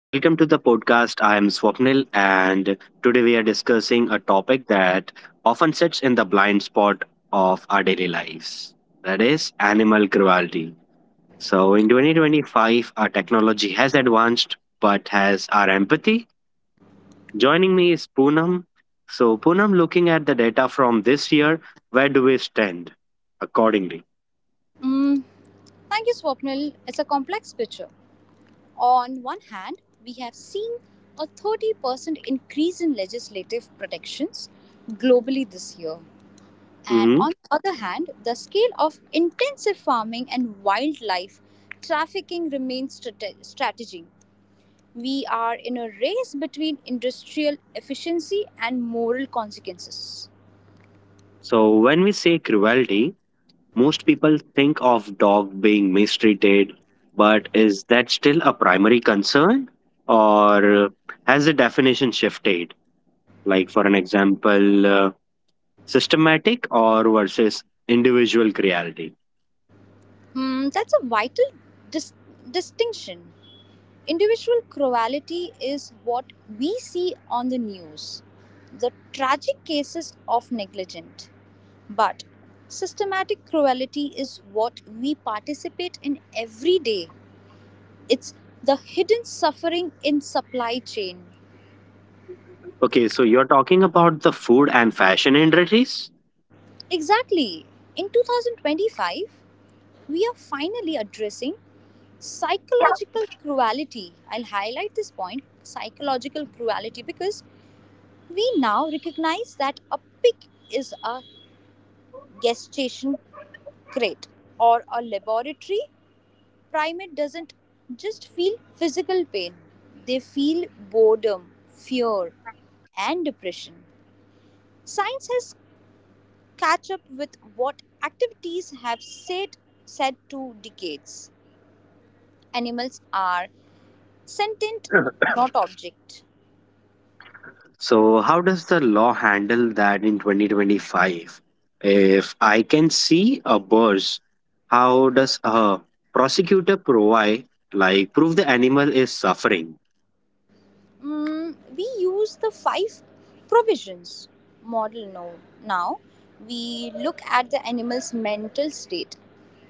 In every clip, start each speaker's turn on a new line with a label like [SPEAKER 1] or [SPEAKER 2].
[SPEAKER 1] Welcome to the podcast. I am Swapnil, and today we are discussing a topic that often sits in the blind spot of our daily lives, that is, animal cruelty. So, in 2025, our technology has advanced, but has our empathy? Joining me is Poonam. So, Poonam, looking at the data from this year, where do we stand accordingly?
[SPEAKER 2] Mm, Thank you, Swapnil. It's a complex picture. On one hand, we have seen a 30% increase in legislative protections globally this year. And
[SPEAKER 1] Mhm.
[SPEAKER 2] on the other hand, the scale of intensive farming and wildlife trafficking remains strategy. We are in a race between industrial efficiency and moral consequences.
[SPEAKER 1] So, when we say cruelty, most people think of dog being mistreated, but is that still a primary concern, or has the definition shifted? Like for an example, systematic or versus individual cruelty.
[SPEAKER 2] That's a vital dis- distinction. Individual cruelty is what we see on the news, the tragic cases of negligence. But systematic cruelty is what we participate in every day. It's the hidden suffering in supply chain.
[SPEAKER 1] Okay, so you're talking about the food and fashion industries?
[SPEAKER 2] Exactly. In 2025, we are finally addressing psychological cruelty. I'll highlight this point psychological cruelty because we now recognize that a pig is a gestation crate or a laboratory primate doesn't just feel physical pain, they feel boredom, fear, and depression. Science has catch up with what activities have said 2 decades. Animals are sentient, not object.
[SPEAKER 1] So, how does the law handle that in 2025? If I can see a buzz, how does a prosecutor provide, like, prove the animal is suffering?
[SPEAKER 2] We use the five provisions model now. Now we look at the animal's mental state.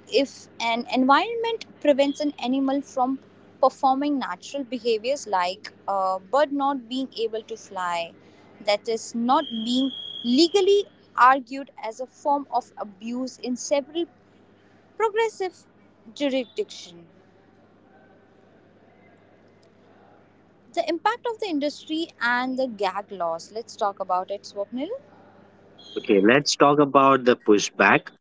[SPEAKER 2] If an environment prevents an animal from performing natural behaviors like a bird not being able to fly, that is not being legally argued as a form of abuse in several progressive jurisdictions. The impact of the industry and the gag laws. Let's talk about it, Swapnil.
[SPEAKER 1] Okay, let's talk about the pushback.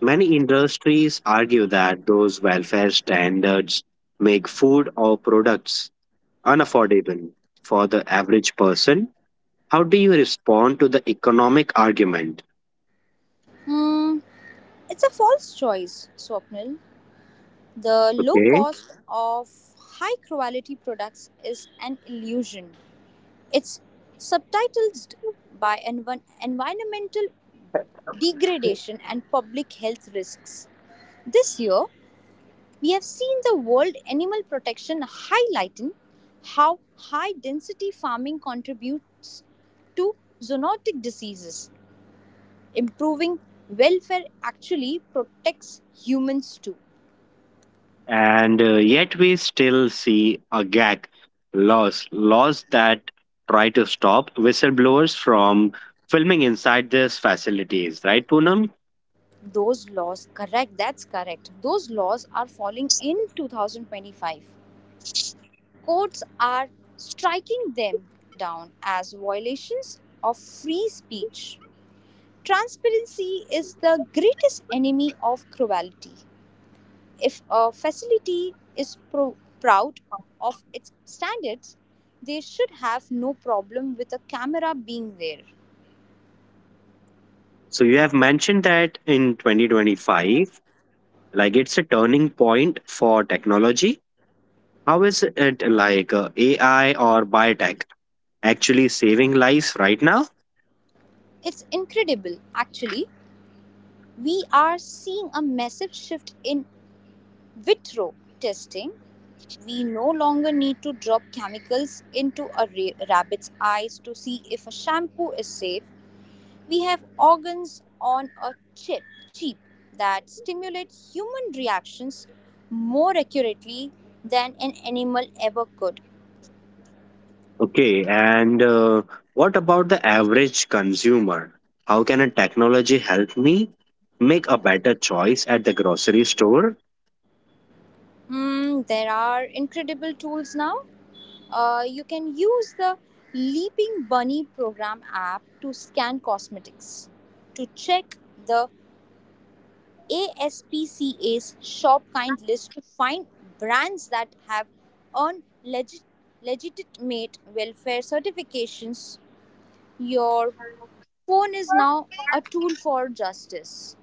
[SPEAKER 1] Many industries argue that those welfare standards make food or products unaffordable for the average person. How do you respond to the economic argument?
[SPEAKER 2] Hmm, it's a false choice, Swapnil. The low
[SPEAKER 1] Okay.
[SPEAKER 2] cost of high quality products is an illusion. It's subtitled by environmental degradation and public health risks. This year, we have seen the World Animal Protection highlighting how high density farming contributes to zoonotic diseases. Improving welfare actually protects humans too.
[SPEAKER 1] And yet we still see a gag laws that try to stop whistleblowers from filming inside these facilities, right, Poonam?
[SPEAKER 2] Those laws, correct, that's correct. Those laws are falling in 2025. Courts are striking them down as violations of free speech. Transparency is the greatest enemy of cruelty. If a facility is proud of its standards, they should have no problem with a camera being there.
[SPEAKER 1] So you have mentioned that in 2025, like it's a turning point for technology. How is it like, AI or biotech actually saving lives right now?
[SPEAKER 2] It's incredible, actually. We are seeing a massive shift in Vitro testing, we no longer need to drop chemicals into a rabbit's eyes to see if a shampoo is safe. We have organs on a chip that stimulate human reactions more accurately than an animal ever could.
[SPEAKER 1] Okay, and what about the average consumer? How can a technology help me make a better choice at the grocery store?
[SPEAKER 2] There are incredible tools now. You can use the Leaping Bunny program app to scan cosmetics, to check the ASPCA's Shop Kind list to find brands that have earned legitimate welfare certifications. Your phone is now a tool for justice.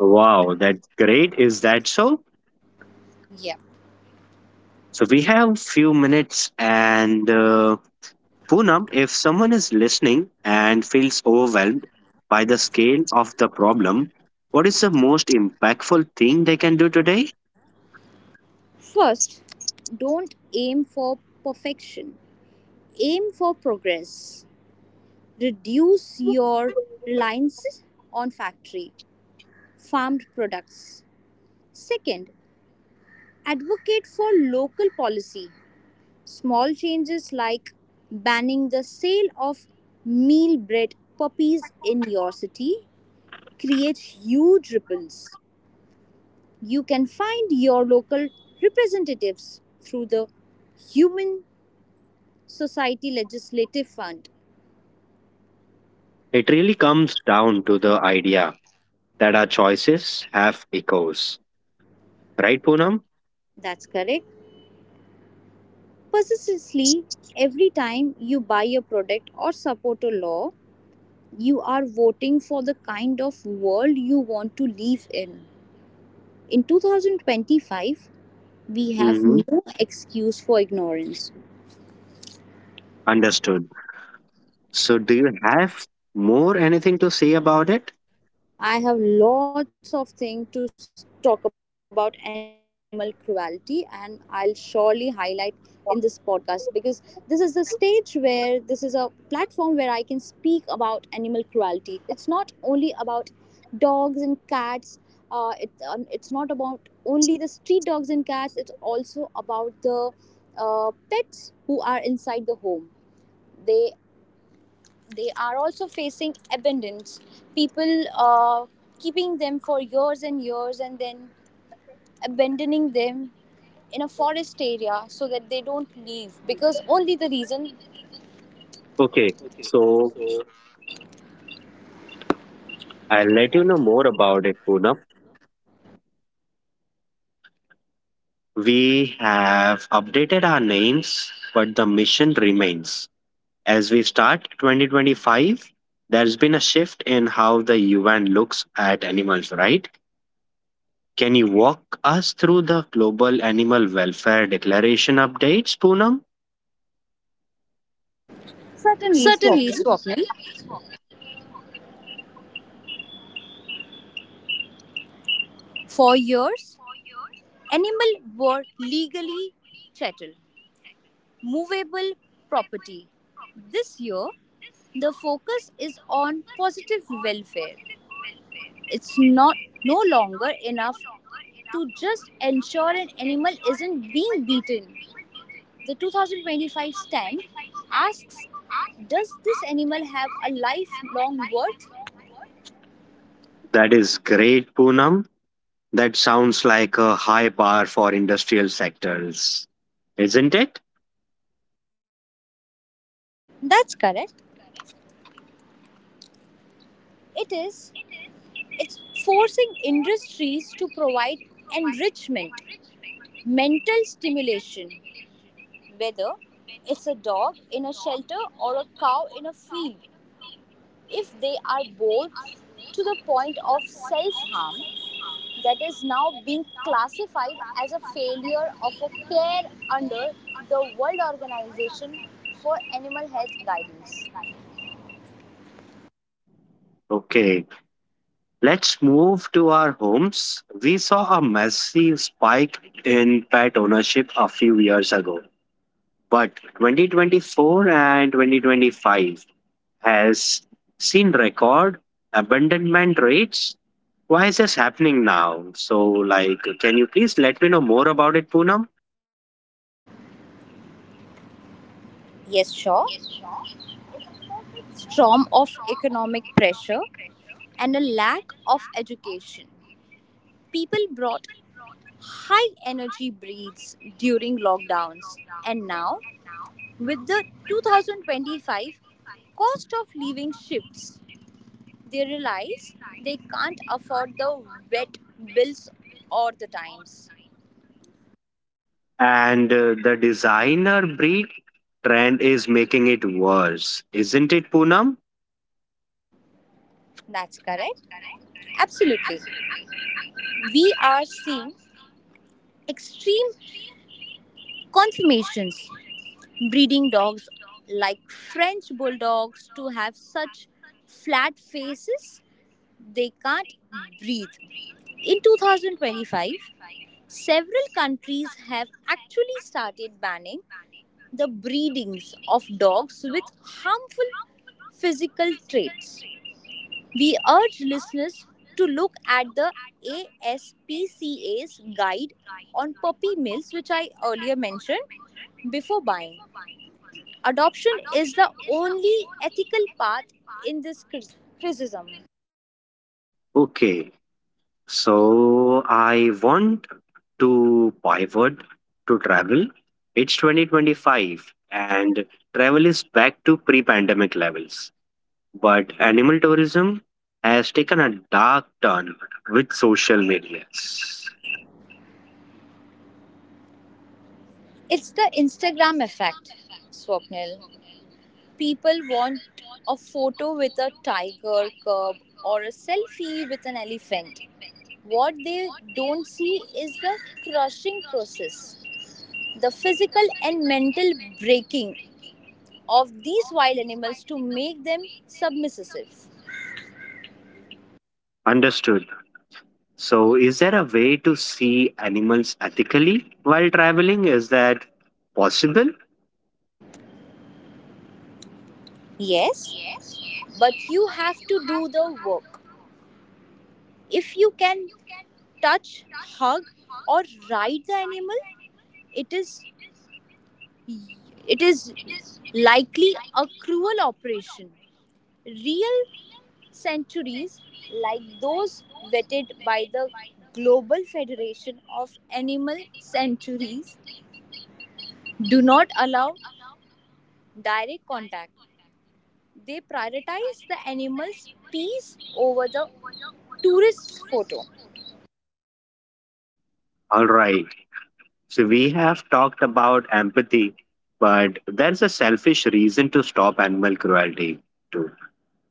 [SPEAKER 1] Wow, that's great. Is that so?
[SPEAKER 2] Yeah.
[SPEAKER 1] So we have few minutes, and Poonam, if someone is listening and feels overwhelmed by the scale of the problem, what is the most impactful thing they can do today?
[SPEAKER 2] First, don't aim for perfection, aim for progress. Reduce your reliance on factory farmed products. Second, advocate for local policy. Small changes like banning the sale of mealbred puppies in your city create huge ripples. You can find your local representatives through the Human Society Legislative Fund.
[SPEAKER 1] It really comes down to the idea that our choices have echoes. Right, Poonam?
[SPEAKER 2] That's correct. Persistently, every time you buy a product or support a law, you are voting for the kind of world you want to live in. In 2025, we have
[SPEAKER 1] Mm-hmm.
[SPEAKER 2] no excuse for ignorance.
[SPEAKER 1] Understood. So, do you have more anything to say about it?
[SPEAKER 2] I have lots of things to talk about animal cruelty, and I'll surely highlight in this podcast because this is the stage where this is a platform where I can speak about animal cruelty. It's not only about dogs and cats. It's not about only the street dogs and cats. It's also about the pets who are inside the home. They They are also facing abandonment. People keeping them for years and years and then abandoning them in a forest area so that they don't leave because only the reason.
[SPEAKER 1] Okay, so I'll let you know more about it, Poonam. We have updated our names, but the mission remains. As we start 2025, there's been a shift in how the UN looks at animals, right? Can you walk us through the Global Animal Welfare Declaration updates, Poonam?
[SPEAKER 2] Certainly, Swapnil. For years, animals were legally chattel, movable property. This year, the focus is on positive welfare. It's not no longer enough to just ensure an animal isn't being beaten. The 2025 stand asks, does this animal have a lifelong worth?
[SPEAKER 1] That is great, Poonam. That sounds like a high bar for industrial sectors, isn't it?
[SPEAKER 2] That's correct. It is. It's forcing industries to provide enrichment, mental stimulation, whether it's a dog in a shelter or a cow in a field. If they are bored to the point of self harm, that is now being classified as a failure of a care under the World Organization for Animal Health Guidance.
[SPEAKER 1] Okay, let's move to our homes. We saw a massive spike in pet ownership a few years ago, but 2024 and 2025 has seen record abandonment rates. Why is this happening now? So, like, can you please let me know more about it, Poonam?
[SPEAKER 2] Yes, sure. Storm of economic pressure and a lack of education. People brought high energy breeds during lockdowns, and now with the 2025 cost of living shifts, they realize they can't afford the wet bills or the times.
[SPEAKER 1] And the designer breed trend is making it worse, isn't it, Poonam?
[SPEAKER 2] That's correct. Absolutely. We are seeing extreme confirmations breeding dogs like French bulldogs to have such flat faces they can't breathe. In 2025, several countries have actually started banning the breedings of dogs with harmful physical traits. We urge listeners to look at the ASPCA's guide on puppy mills, which I earlier mentioned, before buying. Adoption is the only ethical path in this criticism.
[SPEAKER 1] Okay, so I want to pivot to travel. It's 2025 and travel is back to pre pandemic levels. But animal tourism has taken a dark turn with social media.
[SPEAKER 2] It's the Instagram effect, Swapnil. People want a photo with a tiger cub or a selfie with an elephant. What they don't see is the crushing process. The physical and mental breaking of these wild animals to make them submissive.
[SPEAKER 1] Understood. So, is there a way to see animals ethically while traveling? Is that possible?
[SPEAKER 2] Yes, but you have to do the work. If you can touch, hug, or ride the animal, it is it is likely a cruel operation. Real sanctuaries like those vetted by the Global Federation of Animal Sanctuaries do not allow direct contact. They prioritize the animal's peace over the tourist photo.
[SPEAKER 1] All right. So, we have talked about empathy, but there's a selfish reason to stop animal cruelty, too,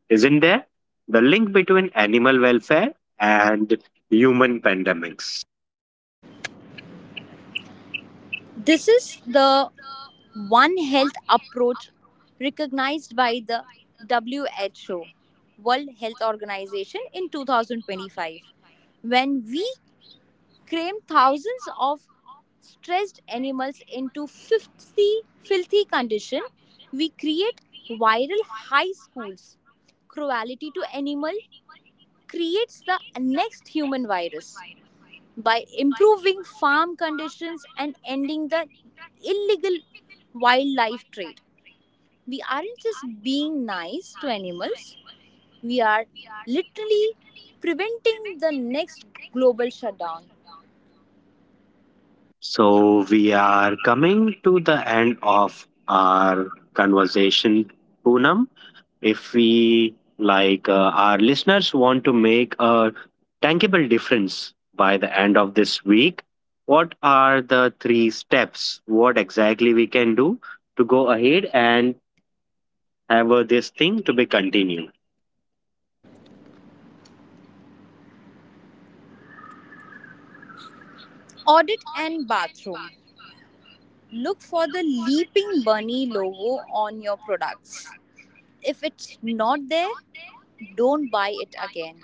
[SPEAKER 1] isn't there? The link between animal welfare and human pandemics.
[SPEAKER 2] This is the One Health approach recognized by the WHO, World Health Organization, in 2025. When we cram thousands of stressed animals into 50 filthy condition, we create viral high schools cruelty to animal creates the next human virus by improving farm conditions and ending the illegal wildlife trade. We aren't just being nice to animals, we are literally preventing the next global shutdown.
[SPEAKER 1] So, we are coming to the end of our conversation, Poonam. If we like, our listeners want to make a tangible difference by the end of this week, what are the three steps, what exactly we can do to go ahead and have this thing to be continued?
[SPEAKER 2] Audit and bathroom. Look for the Leaping Bunny logo on your products. If it's not there, don't buy it again.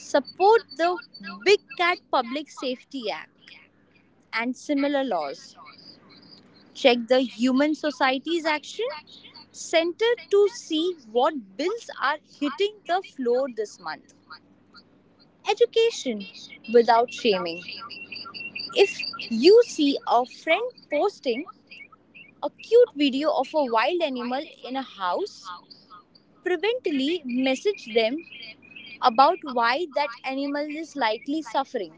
[SPEAKER 2] Support the Big Cat Public Safety Act and similar laws. Check the Human Societies Action Center to see what bills are hitting the floor this month. Education without shaming. If you see a friend posting a cute video of a wild animal in a house, prevently message them about why that animal is likely suffering.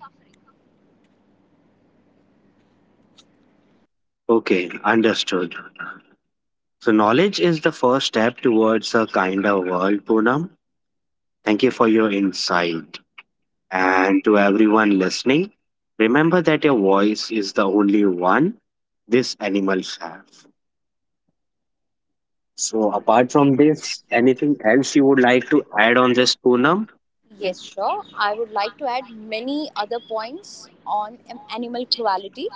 [SPEAKER 1] Okay, understood. So knowledge is the first step towards a kinder world, Poonam. Thank you for your insight, and to everyone listening, remember that your voice is the only one this animals have. So, apart from this, anything else you would like to add on this, Poonam?
[SPEAKER 2] Yes, sure. I would like to add many other points on animal cruelty.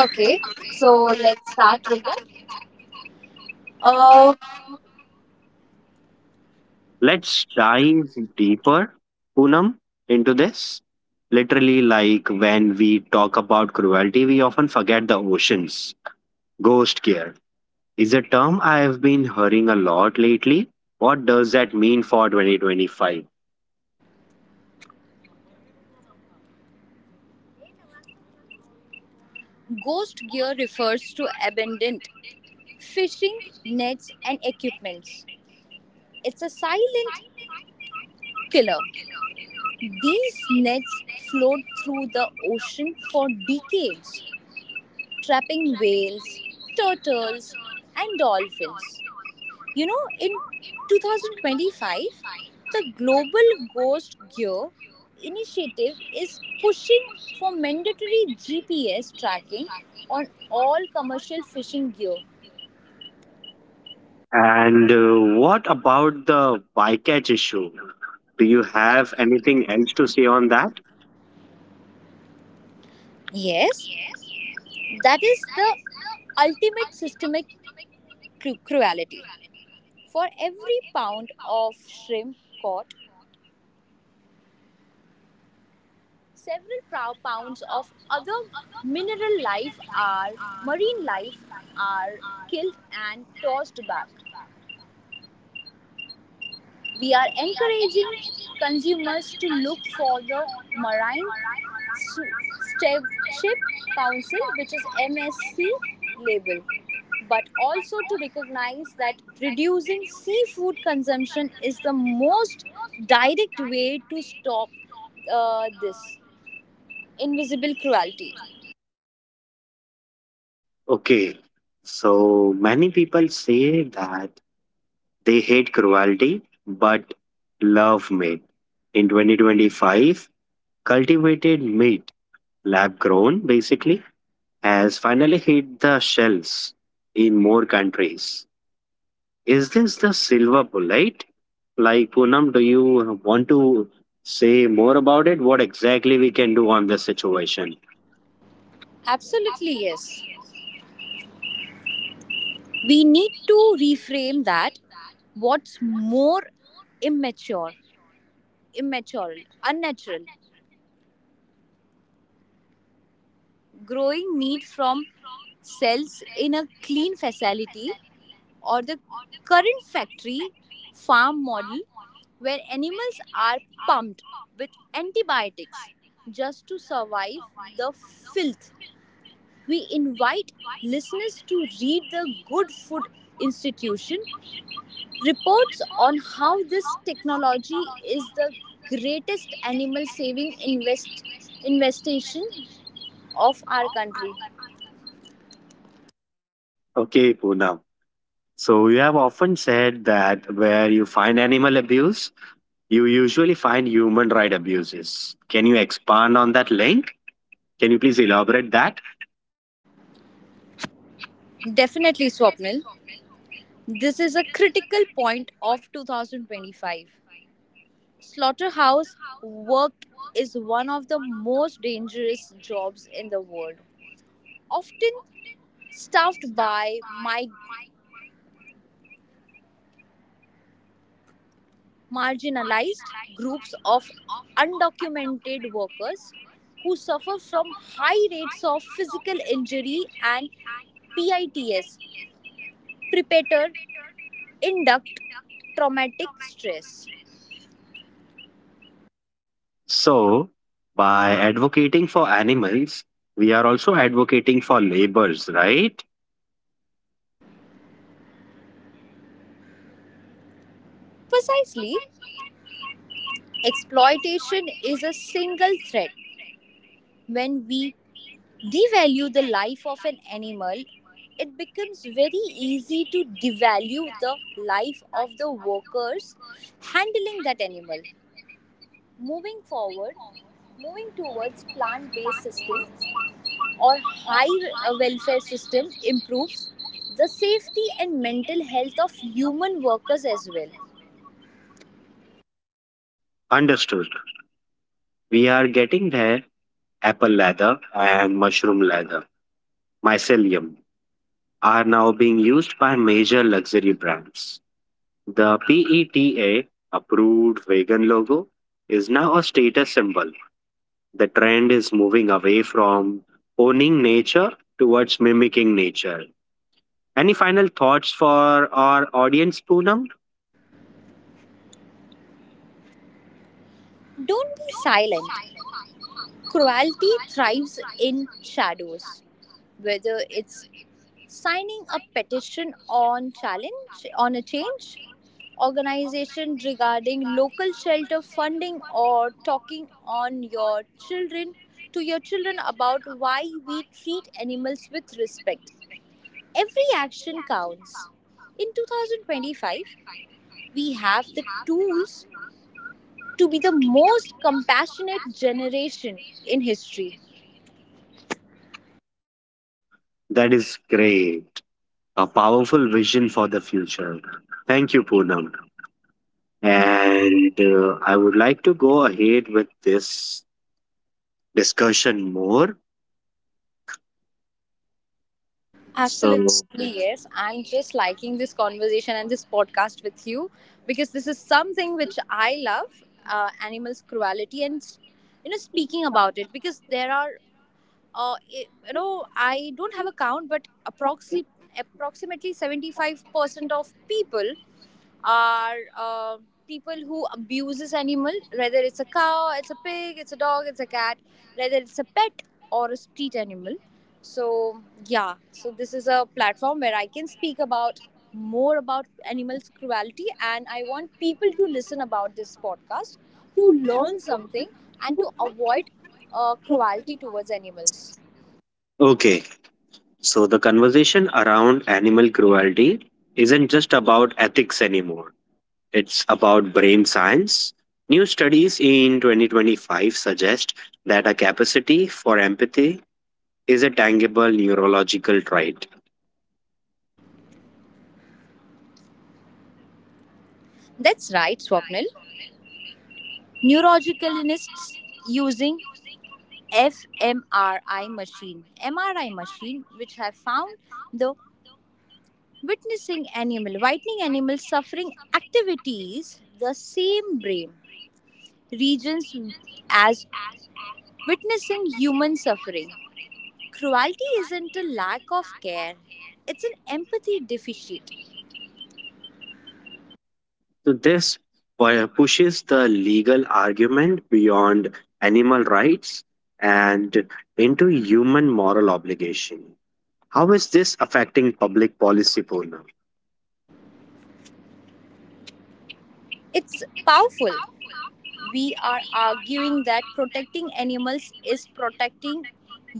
[SPEAKER 2] Okay, so let's start with that. Uh,
[SPEAKER 1] Let's dive deeper, Poonam, into this. Literally, like when we talk about cruelty, we often forget the oceans. Ghost care is a term I have been hearing a lot lately. What does that mean for 2025?
[SPEAKER 2] Ghost gear refers to abandoned fishing nets and equipments. It's a silent killer. These nets float through the ocean for decades, trapping whales, turtles, and dolphins. You know, in 2025, the Global Ghost Gear initiative is pushing for mandatory GPS tracking on all commercial fishing gear.
[SPEAKER 1] And what about the bycatch issue? Do you have anything else to say on that?
[SPEAKER 2] Yes, that is the ultimate systemic cruelty. For every pound of shrimp caught, several pounds of other mineral life are marine life are killed and tossed back. We are encouraging consumers to look for the Marine Stewardship Council, which is MSC label, but also to recognize that reducing seafood consumption is the most direct way to stop this invisible cruelty.
[SPEAKER 1] Okay, so many people say that they hate cruelty but love meat. In 2025, cultivated meat, lab grown basically, has finally hit the shelves in more countries. Is this the silver bullet? Like, Poonam, do you want to say more about it? What exactly we can do on this situation?
[SPEAKER 2] Absolutely, yes. We need to reframe that what's more immature, immature, unnatural. Growing meat from cells in a clean facility or the current factory farm model where animals are pumped with antibiotics just to survive the filth. We invite listeners to read the Good Food Institution reports on how this technology is the greatest animal saving investation of our country.
[SPEAKER 1] Okay, Poonam. So you have often said that where you find animal abuse, you usually find human right abuses. Can you expand on that link? Can you please elaborate that?
[SPEAKER 2] Definitely, Swapnil. This is a critical point of 2025. Slaughterhouse work is one of the most dangerous jobs in the world, often staffed by my marginalized groups of undocumented workers who suffer from high rates of physical injury and PITS, preparator induct traumatic stress.
[SPEAKER 1] So by advocating for animals, we are also advocating for labors, right?
[SPEAKER 2] Precisely, exploitation is a single thread. When we devalue the life of an animal, it becomes very easy to devalue the life of the workers handling that animal. Moving forward, moving towards plant-based system or high welfare system improves the safety and mental health of human workers as well.
[SPEAKER 1] Understood. We are getting there. Apple leather and mushroom leather, mycelium, are now being used by major luxury brands. The PETA approved vegan logo is now a status symbol. The trend is moving away from owning nature towards mimicking nature. Any final thoughts for our audience, Poonam?
[SPEAKER 2] Don't be silent. Cruelty thrives in shadows, whether it's signing a petition on challenge on a change, organization regarding local shelter funding or talking on your children to your children about why we treat animals with respect. Every action counts. In 2025, we have the tools to be the most compassionate generation in history.
[SPEAKER 1] That is great. A powerful vision for the future. Thank you, Poonam. And I would like to go ahead with this discussion more. So,
[SPEAKER 2] Absolutely, yes. I'm just liking this conversation and this podcast with you because this is something which I love animals' cruelty and, you know, speaking about it because there are, you know, I don't have a count, but approximately 75% of people are people who abuses animal whether it's a cow it's a pig it's a dog it's a cat whether it's a pet or a street animal so yeah so this is a platform where I can speak about more about animals cruelty and I want people to listen about this podcast to learn something and to avoid cruelty towards animals.
[SPEAKER 1] okay. So, the conversation around animal cruelty isn't just about ethics anymore. It's about brain science. New studies in 2025 suggest that a capacity for empathy is a tangible neurological trait.
[SPEAKER 2] That's right, Swapnil. Neurologicalists using fMRI machine. MRI machine, which have found the whitening animal suffering activities, the same brain regions as witnessing human suffering. Cruelty isn't a lack of care, it's an empathy deficit.
[SPEAKER 1] So, this pushes the legal argument beyond animal rights and into human moral obligation. How is this affecting public policy, Poonam?
[SPEAKER 2] It's powerful. We are arguing that protecting animals is protecting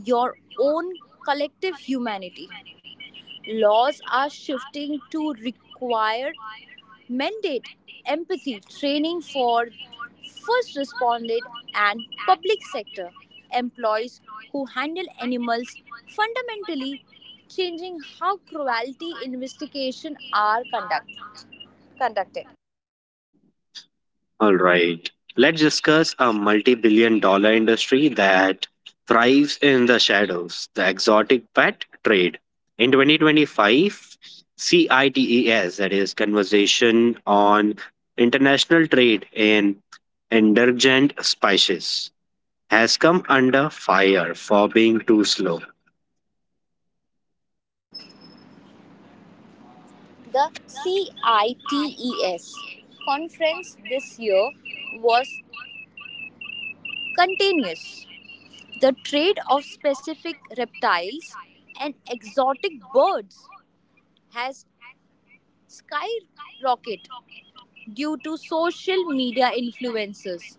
[SPEAKER 2] your own collective humanity. Laws are shifting to require mandate empathy training for first responders and public sector employees who handle animals, fundamentally changing how cruelty investigations are conducted.
[SPEAKER 1] All right. Let's discuss a multi billion dollar industry that thrives in the shadows, the exotic pet trade. In 2025, CITES, that is Conversation on International Trade in Endangered Species, has come under fire for being too slow.
[SPEAKER 2] The CITES conference this year was continuous. The trade of specific reptiles and exotic birds has skyrocketed due to social media influences.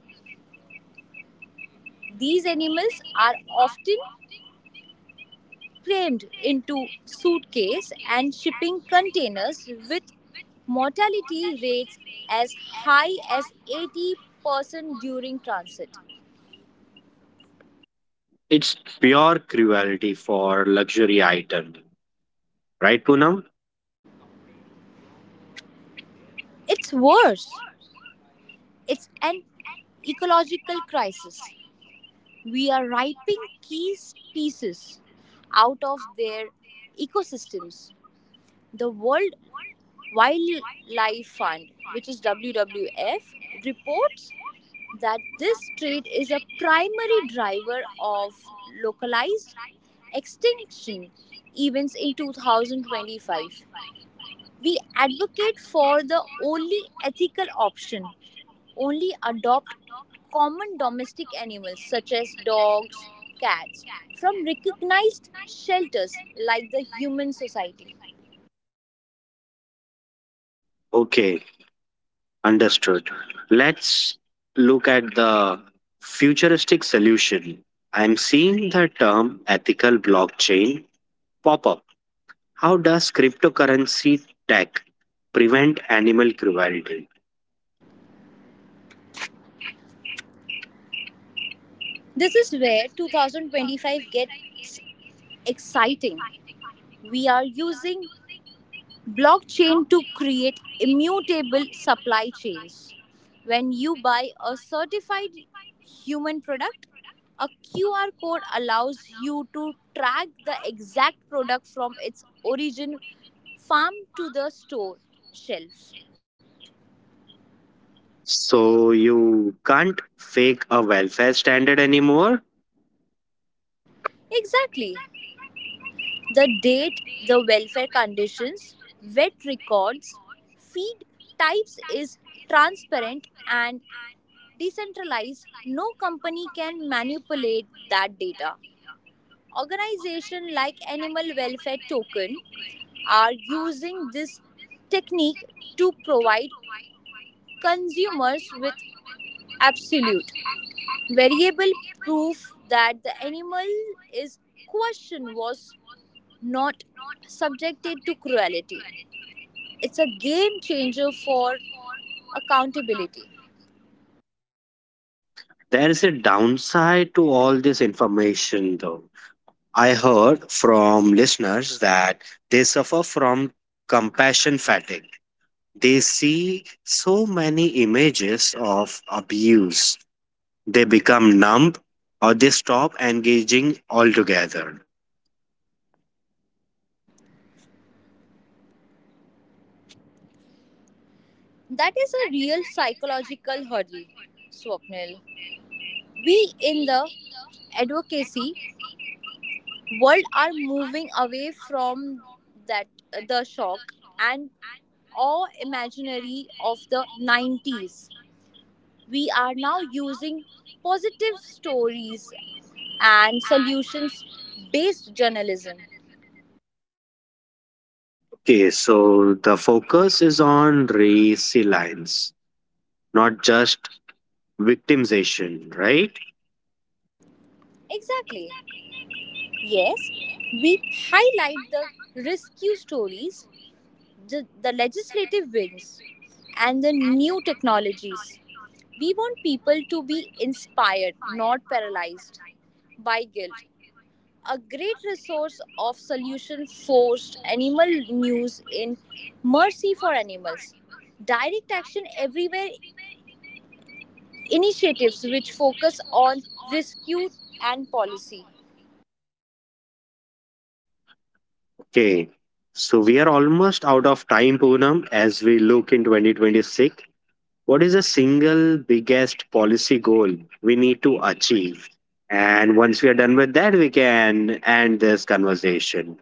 [SPEAKER 2] These animals are often crammed into suitcase and shipping containers with mortality rates as high as 80% during transit.
[SPEAKER 1] It's pure cruelty for luxury item. Right, Poonam?
[SPEAKER 2] It's worse. It's an ecological crisis. We are ripping key species out of their ecosystems. The World Wildlife Fund, which is WWF, reports that this trade is a primary driver of localized extinction events in 2025. We advocate for the only ethical option. Only adopt common domestic animals such as dogs, cats from recognized shelters like the Human Society.
[SPEAKER 1] Okay. Understood. Let's look at the futuristic solution. I'm seeing the term ethical blockchain pop up. How does cryptocurrency tech prevent animal cruelty?
[SPEAKER 2] This is where 2025 gets exciting. We are using blockchain to create immutable supply chains. When you buy a certified human product, a QR code allows you to track the exact product from its origin farm to the store shelf.
[SPEAKER 1] So you can't fake a welfare standard anymore.
[SPEAKER 2] Exactly. The date, the welfare conditions, wet records, feed types is transparent and decentralized. No company can manipulate that data. Organizations like Animal Welfare Token are using this technique to provide consumers with absolute Variable proof that the animal is question was not subjected to cruelty. It's a game changer for accountability.
[SPEAKER 1] There is a downside to all this information, though. I heard from listeners that they suffer from compassion fatigue. They see so many images of abuse, they become numb or they stop engaging altogether.
[SPEAKER 2] That is a real psychological hurdle, Swapnil. We in the advocacy world are moving away from that the shock and awe imaginary of the 90s. We are now using positive stories and solutions based journalism.
[SPEAKER 1] Okay, so the focus is on resilience, not just victimization, right?
[SPEAKER 2] Exactly. Yes, we highlight the rescue stories, the legislative wins, and the new technologies. We want people to be inspired, not paralyzed by guilt. A great resource of solution forced animal news in Mercy for Animals. Direct action everywhere initiatives which focus on rescue and policy.
[SPEAKER 1] Okay, so we are almost out of time, Poonam, as we look in 2026. What is the single biggest policy goal we need to achieve? And once we are done with that, we can end this conversation.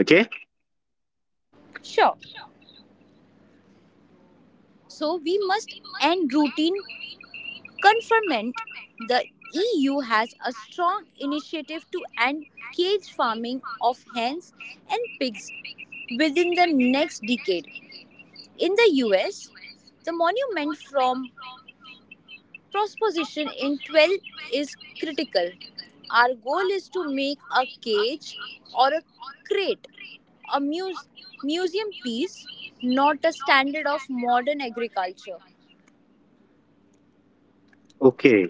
[SPEAKER 1] Okay?
[SPEAKER 2] Sure. So we must end routine confinement. The EU has a strong initiative to end cage farming of hens and pigs within the next decade. In the US, the monument from Transposition in 12 is critical. Our goal is to make a cage or a crate a museum piece, not a standard of modern agriculture.
[SPEAKER 1] Okay.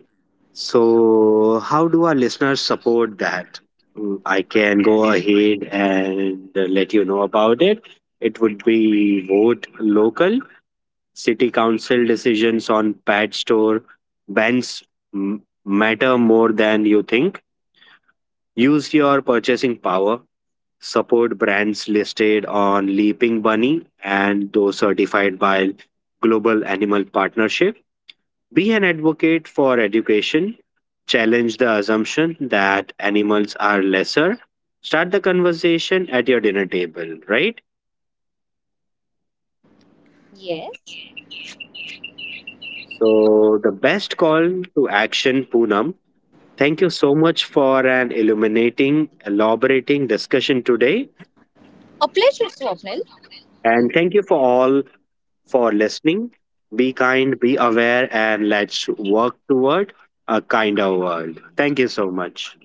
[SPEAKER 1] So, how do our listeners support that? Mm, I can go ahead and let you know about it. It would be vote local, city council decisions on pet store bans matter more than you think. Use your purchasing power, support brands listed on Leaping Bunny and those certified by Global Animal Partnership. Be an advocate for education. Challenge the assumption that animals are lesser. Start the conversation at your dinner table, right?
[SPEAKER 2] Yes.
[SPEAKER 1] So, the best call to action, Poonam. Thank you so much for an illuminating, elaborating discussion today.
[SPEAKER 2] A pleasure, Swapnil.
[SPEAKER 1] And thank you for all for listening. Be kind, be aware, and let's work toward a kinder world. Thank you so much.